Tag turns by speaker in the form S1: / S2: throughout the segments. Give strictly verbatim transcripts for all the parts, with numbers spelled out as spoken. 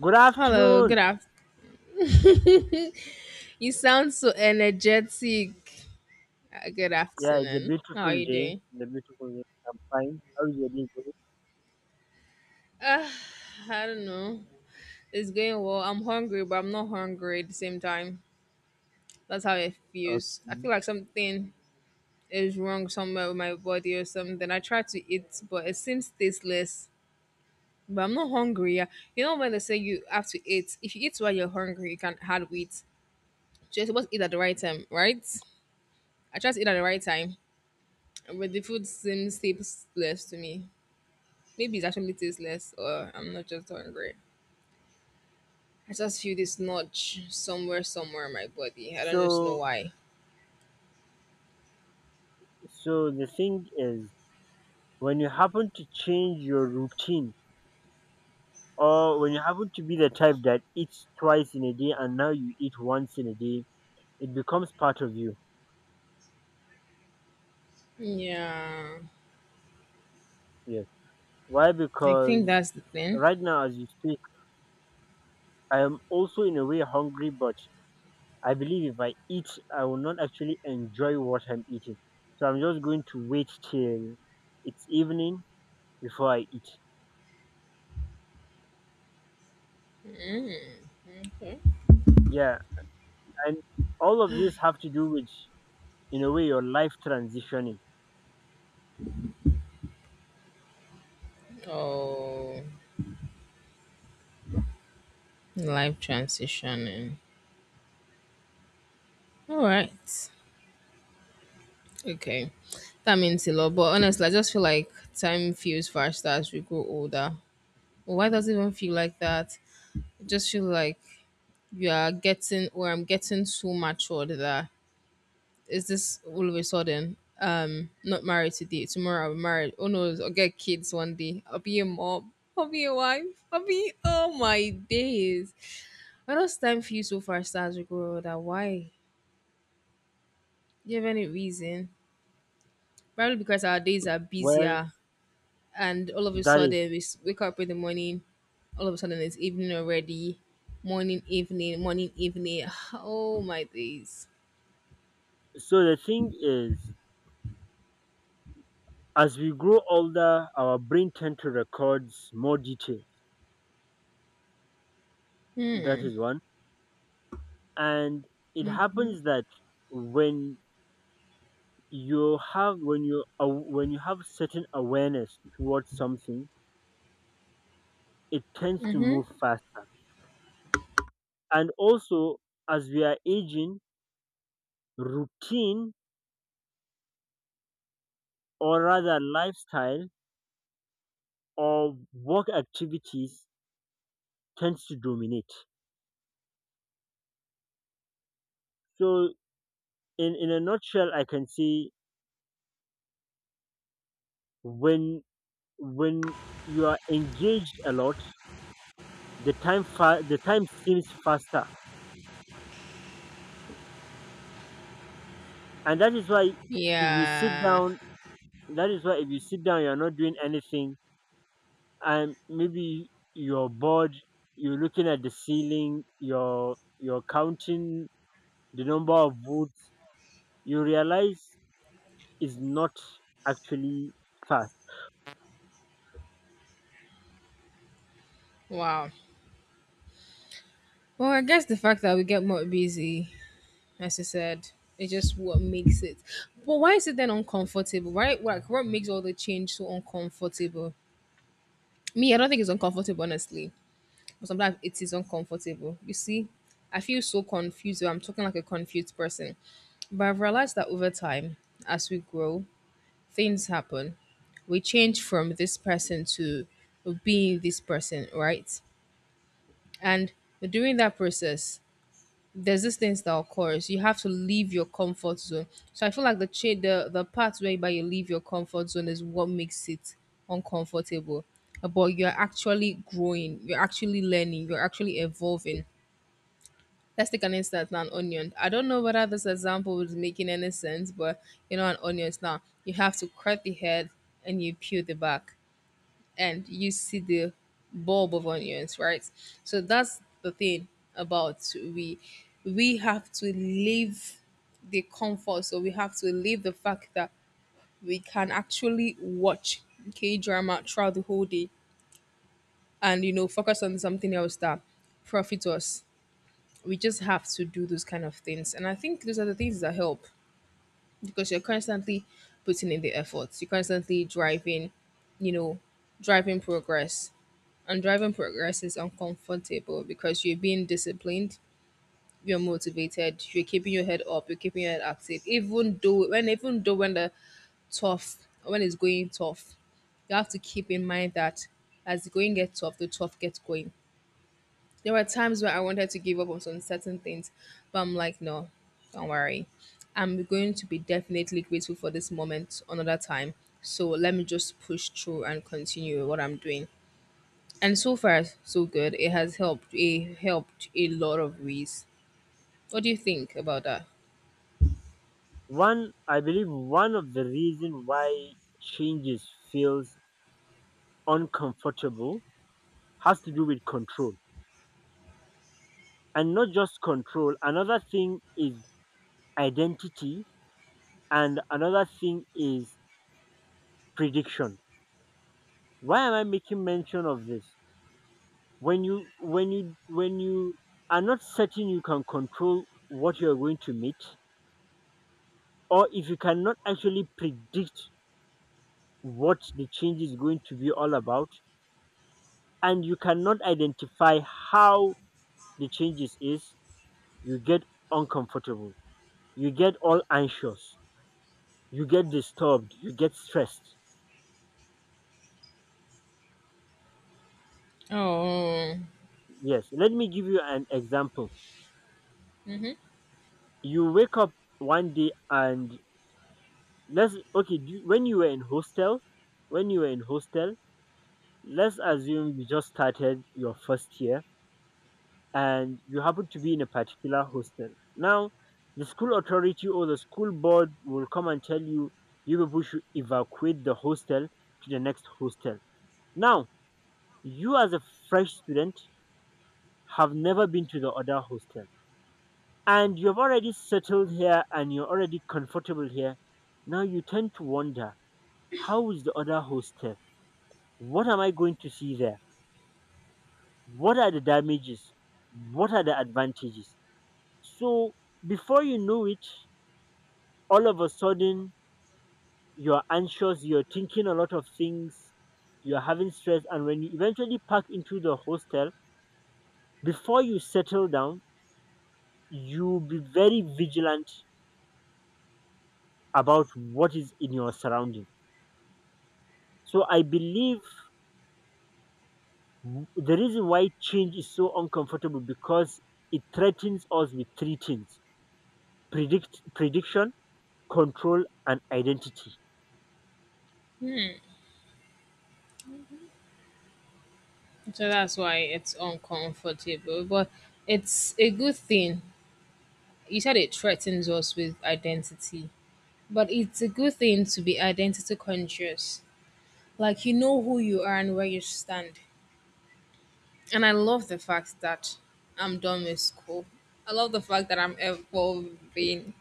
S1: Good
S2: Hello,
S1: afternoon.
S2: good afternoon. You sound so energetic. Uh, Good
S1: Yeah, it's a
S2: afternoon. How are
S1: beautiful
S2: you
S1: day.
S2: doing?
S1: It's a beautiful day. I'm fine. How is your day going?
S2: Uh, I don't know. It's going well. I'm hungry, but I'm not hungry at the same time. That's how it feels. I
S1: Okay.
S2: feel like something is wrong somewhere with my body or something. I try to eat, but it seems tasteless. But I'm not hungry. Yeah. You know when they say you have to eat. If you eat while you're hungry, you can not hardly eat. So you're supposed to eat at the right time, right? I try to eat at the right time, but the food seems tasteless to me. Maybe it's actually tasteless, or I'm not just hungry. I just feel this nudge somewhere, somewhere in my body. I don't just know
S1: So,
S2: why.
S1: so the thing is, when you happen to change your routine, or when you happen to be the type that eats twice in a day and now you eat once in a day, it becomes part of you.
S2: Yeah,
S1: Yes. Why?
S2: I think
S1: Because
S2: that's the thing.
S1: right now, as you speak, I am also in a way hungry, but I believe if I eat, I will not actually enjoy what I'm eating. So I'm just going to wait till it's evening before I eat.
S2: Okay.
S1: Yeah, and all of these have to do with, in a way, your life transitioning.
S2: Oh, life transitioning. All right. Okay. That means a lot. But honestly, I just feel like time feels faster as we grow older. Why does it even feel like that? I just feel like you are getting, or I'm getting so matured that is this all of a sudden? Um, not married today. Tomorrow I'll be married. Oh no, I'll get kids one day. I'll be a mom. I'll be a wife. I'll be oh my days. Why does time feel so fast as we grow older? Why? Do you have any reason? Probably because our days are
S1: Well,
S2: busier, and all of a
S1: that is.
S2: sudden we s- wake up in the morning. All of a sudden it's evening already. Morning, evening, morning, evening. Oh my days.
S1: So the thing is, as we grow older, our brain tend to records more detail. That
S2: Hmm.
S1: is one, and it
S2: Mm-hmm.
S1: happens that when you have when you aw- when you have certain awareness towards something it tends to
S2: Mm-hmm.
S1: move faster. And also, as we are aging, routine or rather lifestyle or work activities tends to dominate. So, in, in a nutshell, I can say when when you are engaged a lot, the time fa- the time seems faster, and that is why if you sit
S2: Yeah.
S1: down, that is why if you sit down, you are not doing anything and maybe you're bored, you're looking at the ceiling, you're you're counting the number of votes. You realize is not actually fast.
S2: Wow. Well, I guess the fact that we get more busy, as you said, it's just what makes it. But why is it then uncomfortable? Right? Like, what makes all the change so uncomfortable? Me, I don't think it's uncomfortable, honestly. But sometimes it is uncomfortable. You see, I feel so confused. I'm talking like a confused person. But I've realized that over time, as we grow, things happen. We change from this person to being this person, right? And during that process, there's these things that occurs. You have to leave your comfort zone. So I feel like the cha- the the part whereby you leave your comfort zone is what makes it uncomfortable. Uh, But you're actually growing, you're actually learning, you're actually evolving. Let's take an instance now, an onion. I don't know whether this example is making any sense, but you know, an onion is now you have to cut the head and you peel the back and you see the bulb of onions, right? So that's the thing about we we have to leave the comfort, so we have to leave the fact that we can actually watch K drama throughout the whole day and you know focus on something else that profits us. We just have to do those kind of things, and I think those are the things that help because you're constantly putting in the efforts, you're constantly driving, you know, driving progress. And driving progress is uncomfortable because you're being disciplined, you're motivated, you're keeping your head up, you're keeping your head active. Even though when even though when the tough when it's going tough, you have to keep in mind that as the going gets tough, the tough gets going. There were times where I wanted to give up on some certain things, but I'm like, no, don't worry. I'm going to be definitely grateful for this moment another time. So let me just push through and continue what I'm doing. And so far, so good. It has helped a helped a lot of ways. What do you think about that?
S1: One, I believe one of the reason why changes feels uncomfortable has to do with control, and not just control, another thing is identity, and another thing is prediction. Why am I making mention of this? When you when you when you are not certain you can control what you are going to meet, or if you cannot actually predict what the change is going to be all about, and you cannot identify how the changes is, you get uncomfortable, you get all anxious, you get disturbed, you get stressed.
S2: Oh,
S1: Yes, let me give you an example.
S2: hmm,
S1: You wake up one day and let's okay do you, when you were in hostel, when you were in hostel let's assume you just started your first year and you happen to be in a particular hostel. Now, the school authority or the school board will come and tell you, you people should evacuate the hostel to the next hostel. Now, you as a fresh student have never been to the other hostel and you've already settled here and you're already comfortable here. Now you tend to wonder, how is the other hostel? What am I going to see there? What are the damages? What are the advantages? So before you know it, all of a sudden you're anxious, you're thinking a lot of things, you're having stress, and when you eventually pack into the hostel, before you settle down, you be very vigilant about what is in your surrounding. So I believe w- the reason why change is so uncomfortable because it threatens us with three things: predict prediction, control, and identity.
S2: so that's why it's uncomfortable, but it's a good thing. You said it threatens us with identity, but it's a good thing to be identity conscious. Like you know who you are and where you stand. And I love the fact that I'm done with school. I love the fact that I'm evolving.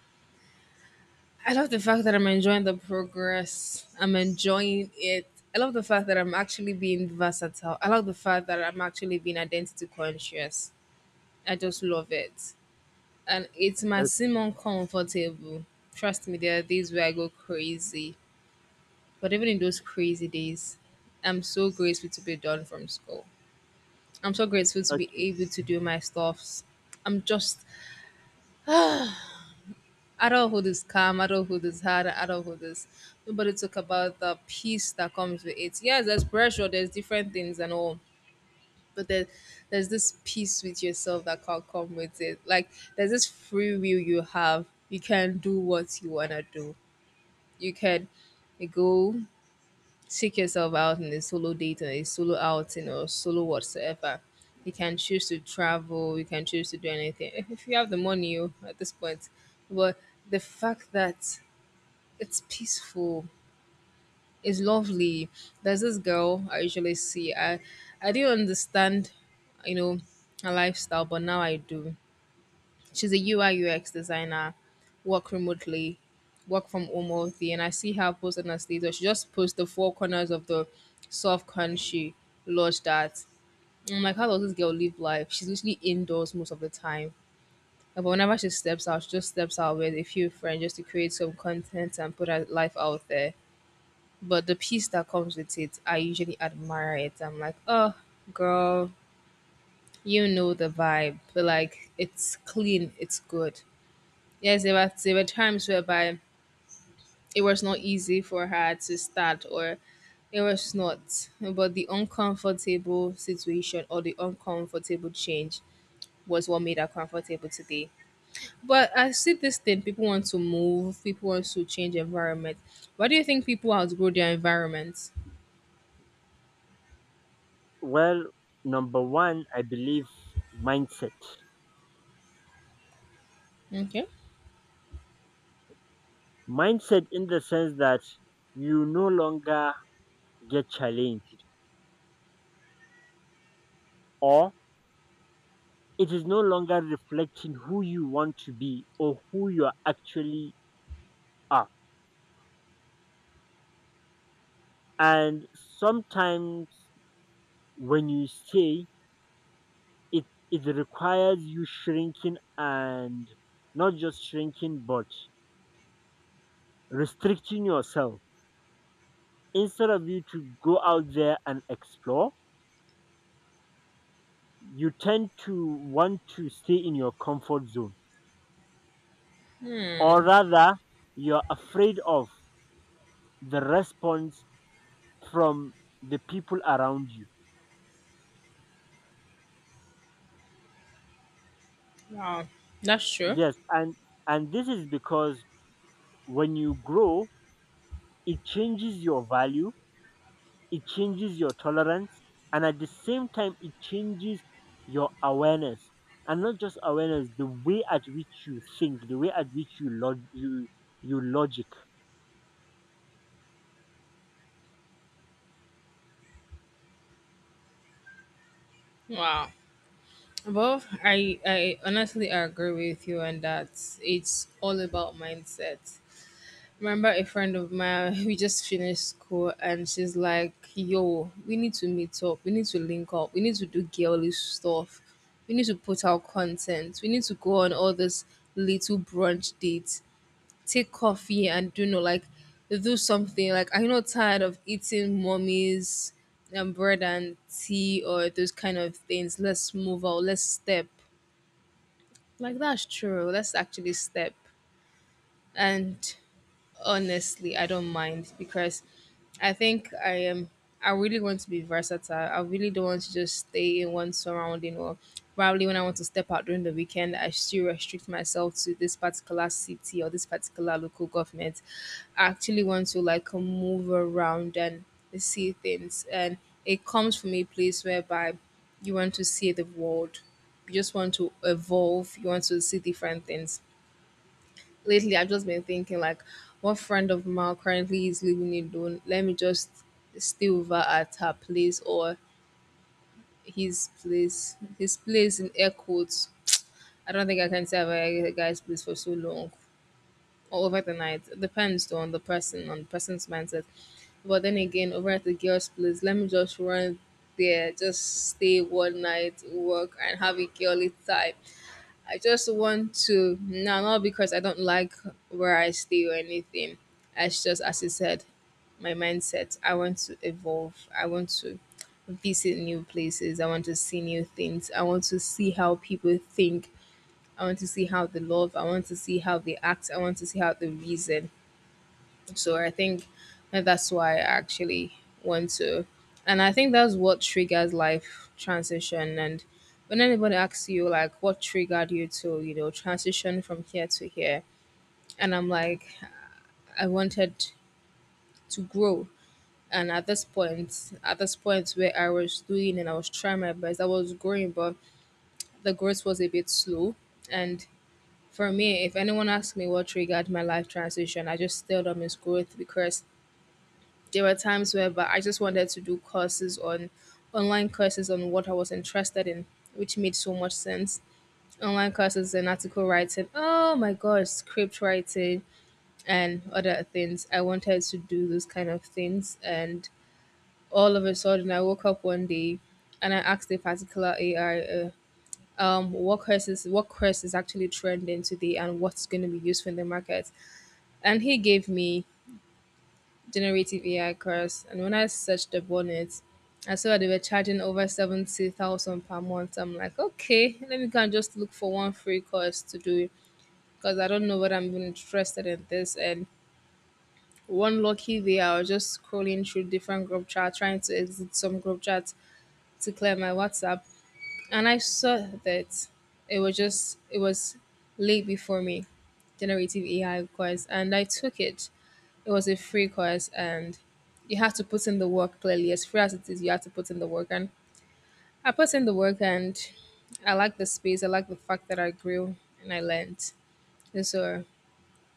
S2: I love the fact that I'm enjoying the progress. I'm enjoying it. I love the fact that I'm actually being versatile. I love the fact that I'm actually being identity conscious. I just love it. And it might seem uncomfortable. Trust me, there are days where I go crazy. But even in those crazy days, I'm so grateful to be done from school. I'm so grateful to be
S1: Okay.
S2: able to do my stuffs. I'm just at all who is calm, I don't know who is hard, I don't know who is nobody talk about the peace that comes with it. Yes, there's pressure, there's different things and all, but there, there's this peace with yourself that can't come with it. Like there's this free will you have. You can do what you wanna do. You can go seek yourself out in a solo date or a solo outing or solo whatsoever. You can choose to travel, you can choose to do anything. If if you have the money oh, at this point. But the fact that it's peaceful. It's lovely. There's this girl I usually see. I I didn't understand, you know, her lifestyle, but now I do. She's a U I U X designer, work remotely, work from home all day, and I see her post on her status. She just posts the four corners of the soft country lodged at. I'm like, how does this girl live life? She's literally indoors most of the time. Yeah, but whenever she steps out, she just steps out with a few friends just to create some content and put her life out there. But the peace that comes with it, I usually admire it. I'm like, oh, girl, you know the vibe. But like, it's clean, it's good. Yes, there were, there were times whereby it was not easy for her to start, or it was not. But the uncomfortable situation or the uncomfortable change was what made her comfortable today. But I see this thing people want to move, people want to change environment. Why do you think people outgrow their environment?
S1: Well, number one, I believe mindset.
S2: Okay.
S1: Mindset in the sense that you no longer get challenged, or it is no longer reflecting who you want to be or who you are actually are. And sometimes when you say it, it requires you shrinking and not just shrinking, but restricting yourself. Instead of you to go out there and explore, you tend to want to stay in your comfort zone, or rather, you're afraid of the response from the people around you.
S2: Wow, that's true.
S1: Yes, and and this is because when you grow, it changes your value, it changes your tolerance, and at the same time, it changes your awareness, and not just awareness, the way at which you think, the way at which you log you you logic.
S2: Wow. Well, I I honestly agree with you on that. It's all about mindset. Remember a friend of mine, we just finished school and she's like, yo, we need to meet up, we need to link up, we need to do girly stuff, we need to put out content, we need to go on all these little brunch dates. Take coffee and do know like do something like I'm not tired of eating mommy's um, bread and tea or those kind of things. Let's move out, let's step, like that's true, let's actually step. And honestly, I don't mind because I think I am I really want to be versatile. I really don't want to just stay in one surrounding, or probably when I want to step out during the weekend I still restrict myself to this particular city or this particular local government. I actually want to like move around and see things. And it comes from a place whereby you want to see the world, you just want to evolve, you want to see different things. Lately I've just been thinking, like, one friend of mine currently is living alone. Let me just stay over at her place or his place. His place in air quotes. I don't think I can stay over at a guy's place for so long. Or over the night. It depends though on the person, on the person's mindset. But then again, over at the girl's place, let me just run there, just stay one night, work and have a girly time. I just want to, no, not because I don't like where I stay or anything. It's just as you said, my mindset. I want to evolve. I want to visit new places. I want to see new things. I want to see how people think. I want to see how they love. I want to see how they act. I want to see how they reason. So I think that's why I actually want to. And I think that's what triggers life transition. And when anybody asks you, like, what triggered you to, you know, transition from here to here? And I'm like, I wanted to grow. And at this point, at this point where I was doing and I was trying my best, I was growing, but the growth was a bit slow. And for me, if anyone asks me what triggered my life transition, I just tell them it's growth because there were times where but I just wanted to do courses on online courses on what I was interested in, which made so much sense. Online courses and article writing, oh my gosh, script writing and other things. I wanted to do those kind of things and all of a sudden I woke up one day and I asked a particular A I uh, um, what courses what course is actually trending today and what's going to be useful in the market. And he gave me generative A I course, and when I searched up on it, I saw that they were charging over seventy thousand per month. I'm like, okay, let me go and just look for one free course to do because I don't know what I'm even interested in this. And one lucky day, I was just scrolling through different group chats, trying to exit some group chats to clear my WhatsApp, and I saw that it was just it was late before me, generative A I course, and I took it. It was a free course, and you have to put in the work clearly. As free as it is, you have to put in the work, and I put in the work, and I like the space. I like the fact that I grew and I learned. And so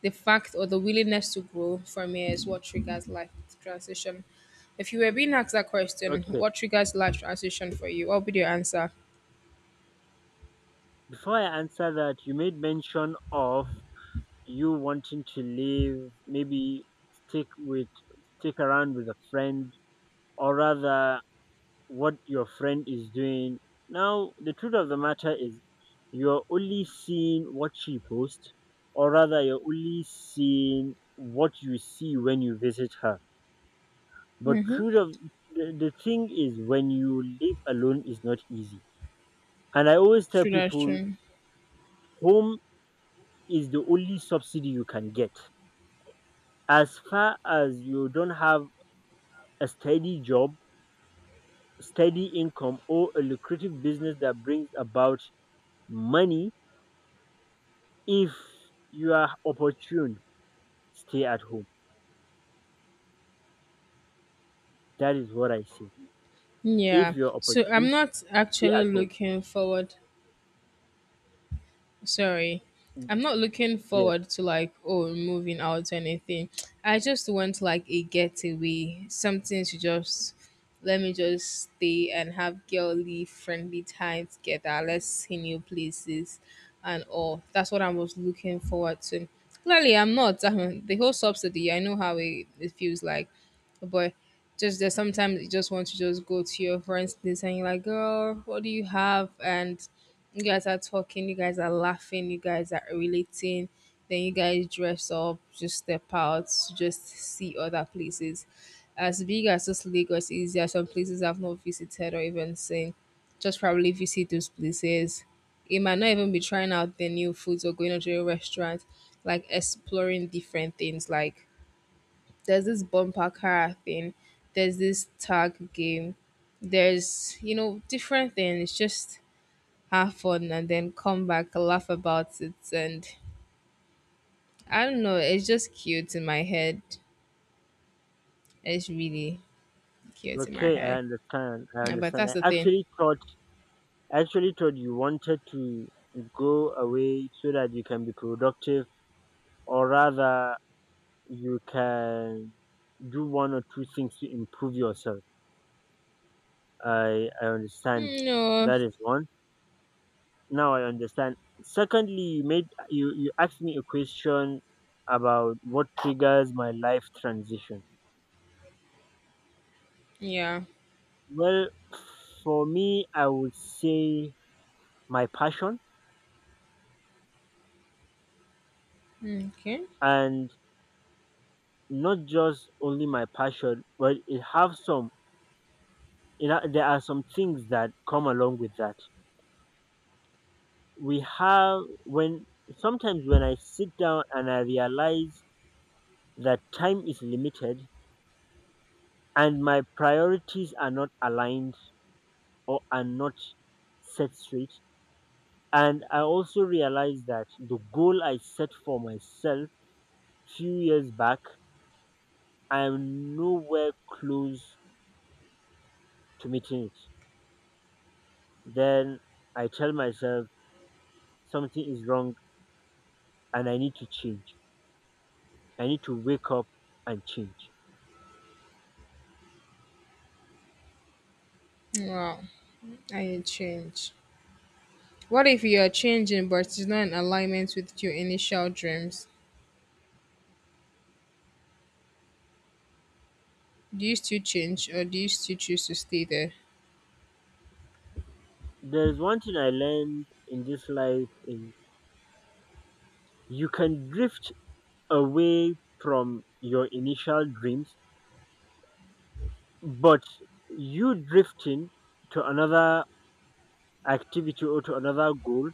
S2: the fact or the willingness to grow from here is what triggers life transition. If you were being asked that question,
S1: Okay.
S2: what triggers life transition for you? What would be your answer?
S1: Before I answer that, you made mention of you wanting to live, maybe stick with, stick around with a friend, or rather, what your friend is doing. Now, the truth of the matter is, you're only seeing what she posts, or rather, you're only seeing what you see when you visit her. But truth of the, the thing is, when you live alone, is not easy. And I always tell
S2: True, that's
S1: people,
S2: true.
S1: home is the only subsidy you can get. As far as you don't have a steady job, steady income, or a lucrative business that brings about money, if you are opportune, stay at home. That is what I say. If
S2: Yeah.
S1: you're
S2: So I'm
S1: opportune,
S2: not
S1: stay
S2: actually
S1: at home.
S2: looking forward, sorry, I'm not looking
S1: Yes.
S2: forward to like, oh, moving out or anything, I just want like a getaway, something to just let me just stay and have girly friendly time together, let's see new places and all, that's what I was looking forward to clearly, I'm not. Um, the whole subsidy, I know how it, it feels like, but just that sometimes you just want to just go to your friend's place and you're like, girl, what do you have? And you guys are talking, you guys are laughing, you guys are relating. Then you guys dress up, just step out, just see other places. As big as just Lagos is, there are some places I've not visited or even seen. Just probably visit those places. It might not even be trying out the new foods or going to a restaurant, like exploring different things. Like there's this bumper car thing, there's this tag game, there's you know different things. Just have fun and then come back, laugh about it, and I don't know, it's just cute in my head. It's really cute in my
S1: Okay, I
S2: head.
S1: understand. I
S2: Yeah, but
S1: understand.
S2: that's the
S1: I
S2: thing.
S1: actually thought I actually thought you wanted to go away so that you can be productive, or rather you can do one or two things to improve yourself. I I understand.
S2: No.
S1: That is one. Now I understand. Secondly, you made you you asked me a question about what triggers my life transition.
S2: Yeah.
S1: Well, for me, I would say my passion,
S2: Okay.
S1: and not just only my passion, but it have some. It, ha- there are some things that come along with that. We have when Sometimes when I sit down and I realize that time is limited and my priorities are not aligned or are not set straight, and I also realize that the goal I set for myself few years back, I am nowhere close to meeting it, then I tell myself something is wrong and I need to change. I need to wake up and change.
S2: Wow. I change. What if you are changing but it's not in alignment with your initial dreams? Do you still change or do you still choose to stay there?
S1: There's one thing I learned in this life is you can drift away from your initial dreams, but you drifting to another activity or to another goal,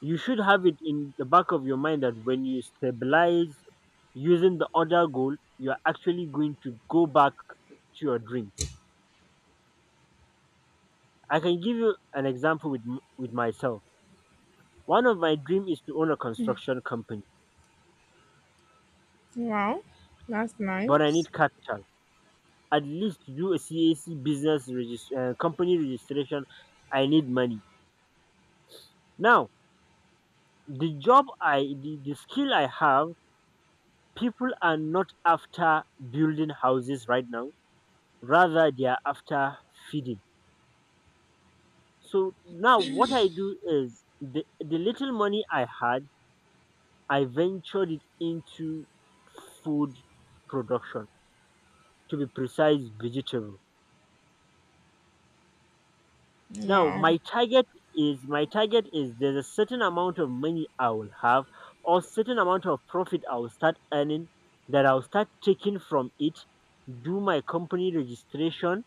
S1: you should have it in the back of your mind that when you stabilize using the other goal, you're actually going to go back to your dreams. I can give you an example with m- with myself. One of my dream is to own a construction company,
S2: Wow, that's
S1: but I
S2: nice.
S1: need capital. At least to do a C A C business regist- uh, company registration, I need money. Now, the job I, the, the skill I have, people are not after building houses right now. Rather, they are after feeding. So now what I do is the, the little money I had, I ventured it into food production, to be precise, vegetable. Now
S2: Wow.
S1: my target is my target is there's a certain amount of money I will have or certain amount of profit I will start earning that I'll start taking from it, do my company registration,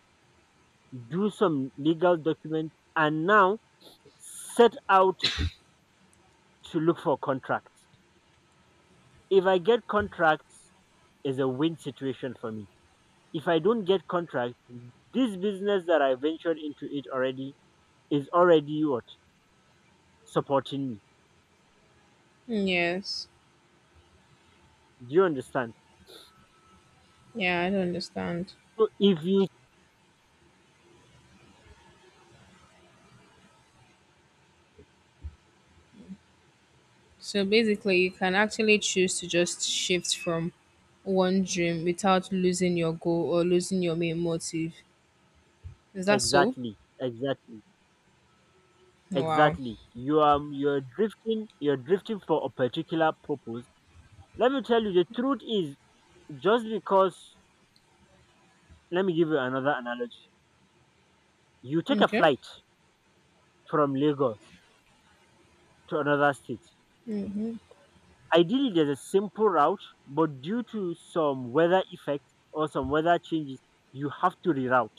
S1: do some legal document, and now set out to look for contracts. If I get contracts, is a win situation for me. If I don't get contracts, this business that I ventured into it already is already what supporting me.
S2: Yes.
S1: Do you understand?
S2: Yeah, I don't understand.
S1: So if you
S2: So basically, you can actually choose to just shift from one dream without losing your goal or losing your main motive. Is that so?
S1: exactly, exactly,
S2: Wow.
S1: exactly, you are you're drifting, you're drifting for a particular purpose. Let me tell you, the truth is just because. Let me give you another analogy. You take a
S2: Okay.
S1: flight from Lagos to another state.
S2: Mm-hmm.
S1: Ideally, there's a simple route, but due to some weather effect or some weather changes, you have to reroute,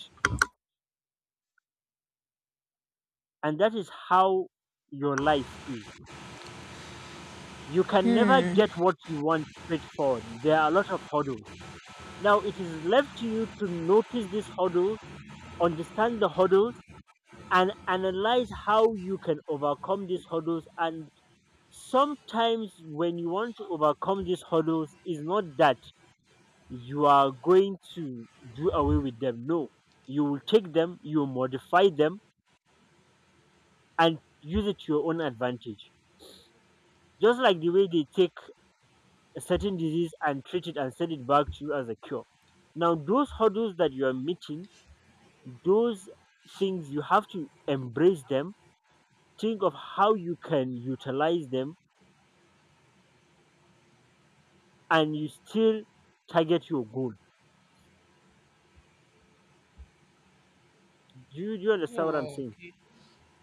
S1: and that is how your life is. You can never get what you want straightforward. There are a lot of hurdles. Now it is left to you to notice these hurdles, understand the hurdles, and analyze how you can overcome these hurdles. And sometimes when you want to overcome these hurdles, it's not that you are going to do away with them. No, you will take them, you will modify them, and use it to your own advantage. Just like the way they take a certain disease and treat it and send it back to you as a cure. Now, those hurdles that you are meeting, those things, you have to embrace them, think of how you can utilize them, and you still target your goal. Do you, do you understand what I'm
S2: Oh,
S1: saying?
S2: okay.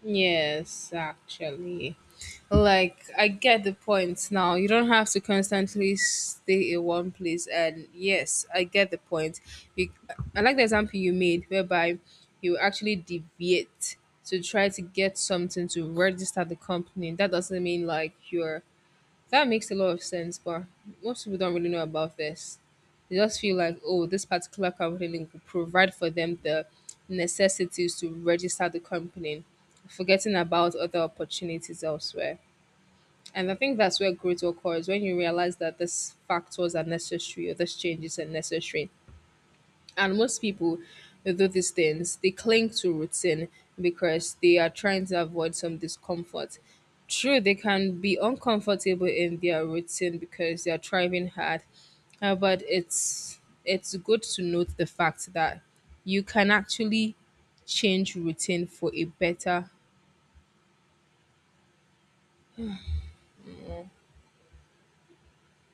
S2: Yes, actually. Like, I get the point now. You don't have to constantly stay in one place. And yes, I get the point. You, I like the example you made whereby you actually deviate to try to get something to register the company. That doesn't mean like you're. That makes a lot of sense, but most people don't really know about this. They just feel like, oh, this particular company will provide for them the necessities to register the company, forgetting about other opportunities elsewhere. And I think that's where growth occurs when you realize that this factors are necessary or this change is necessary. And most people who do these things, they cling to routine because they are trying to avoid some discomfort. True, they can be uncomfortable in their routine because they are trying hard. Uh, but it's it's good to note the fact that you can actually change routine for a better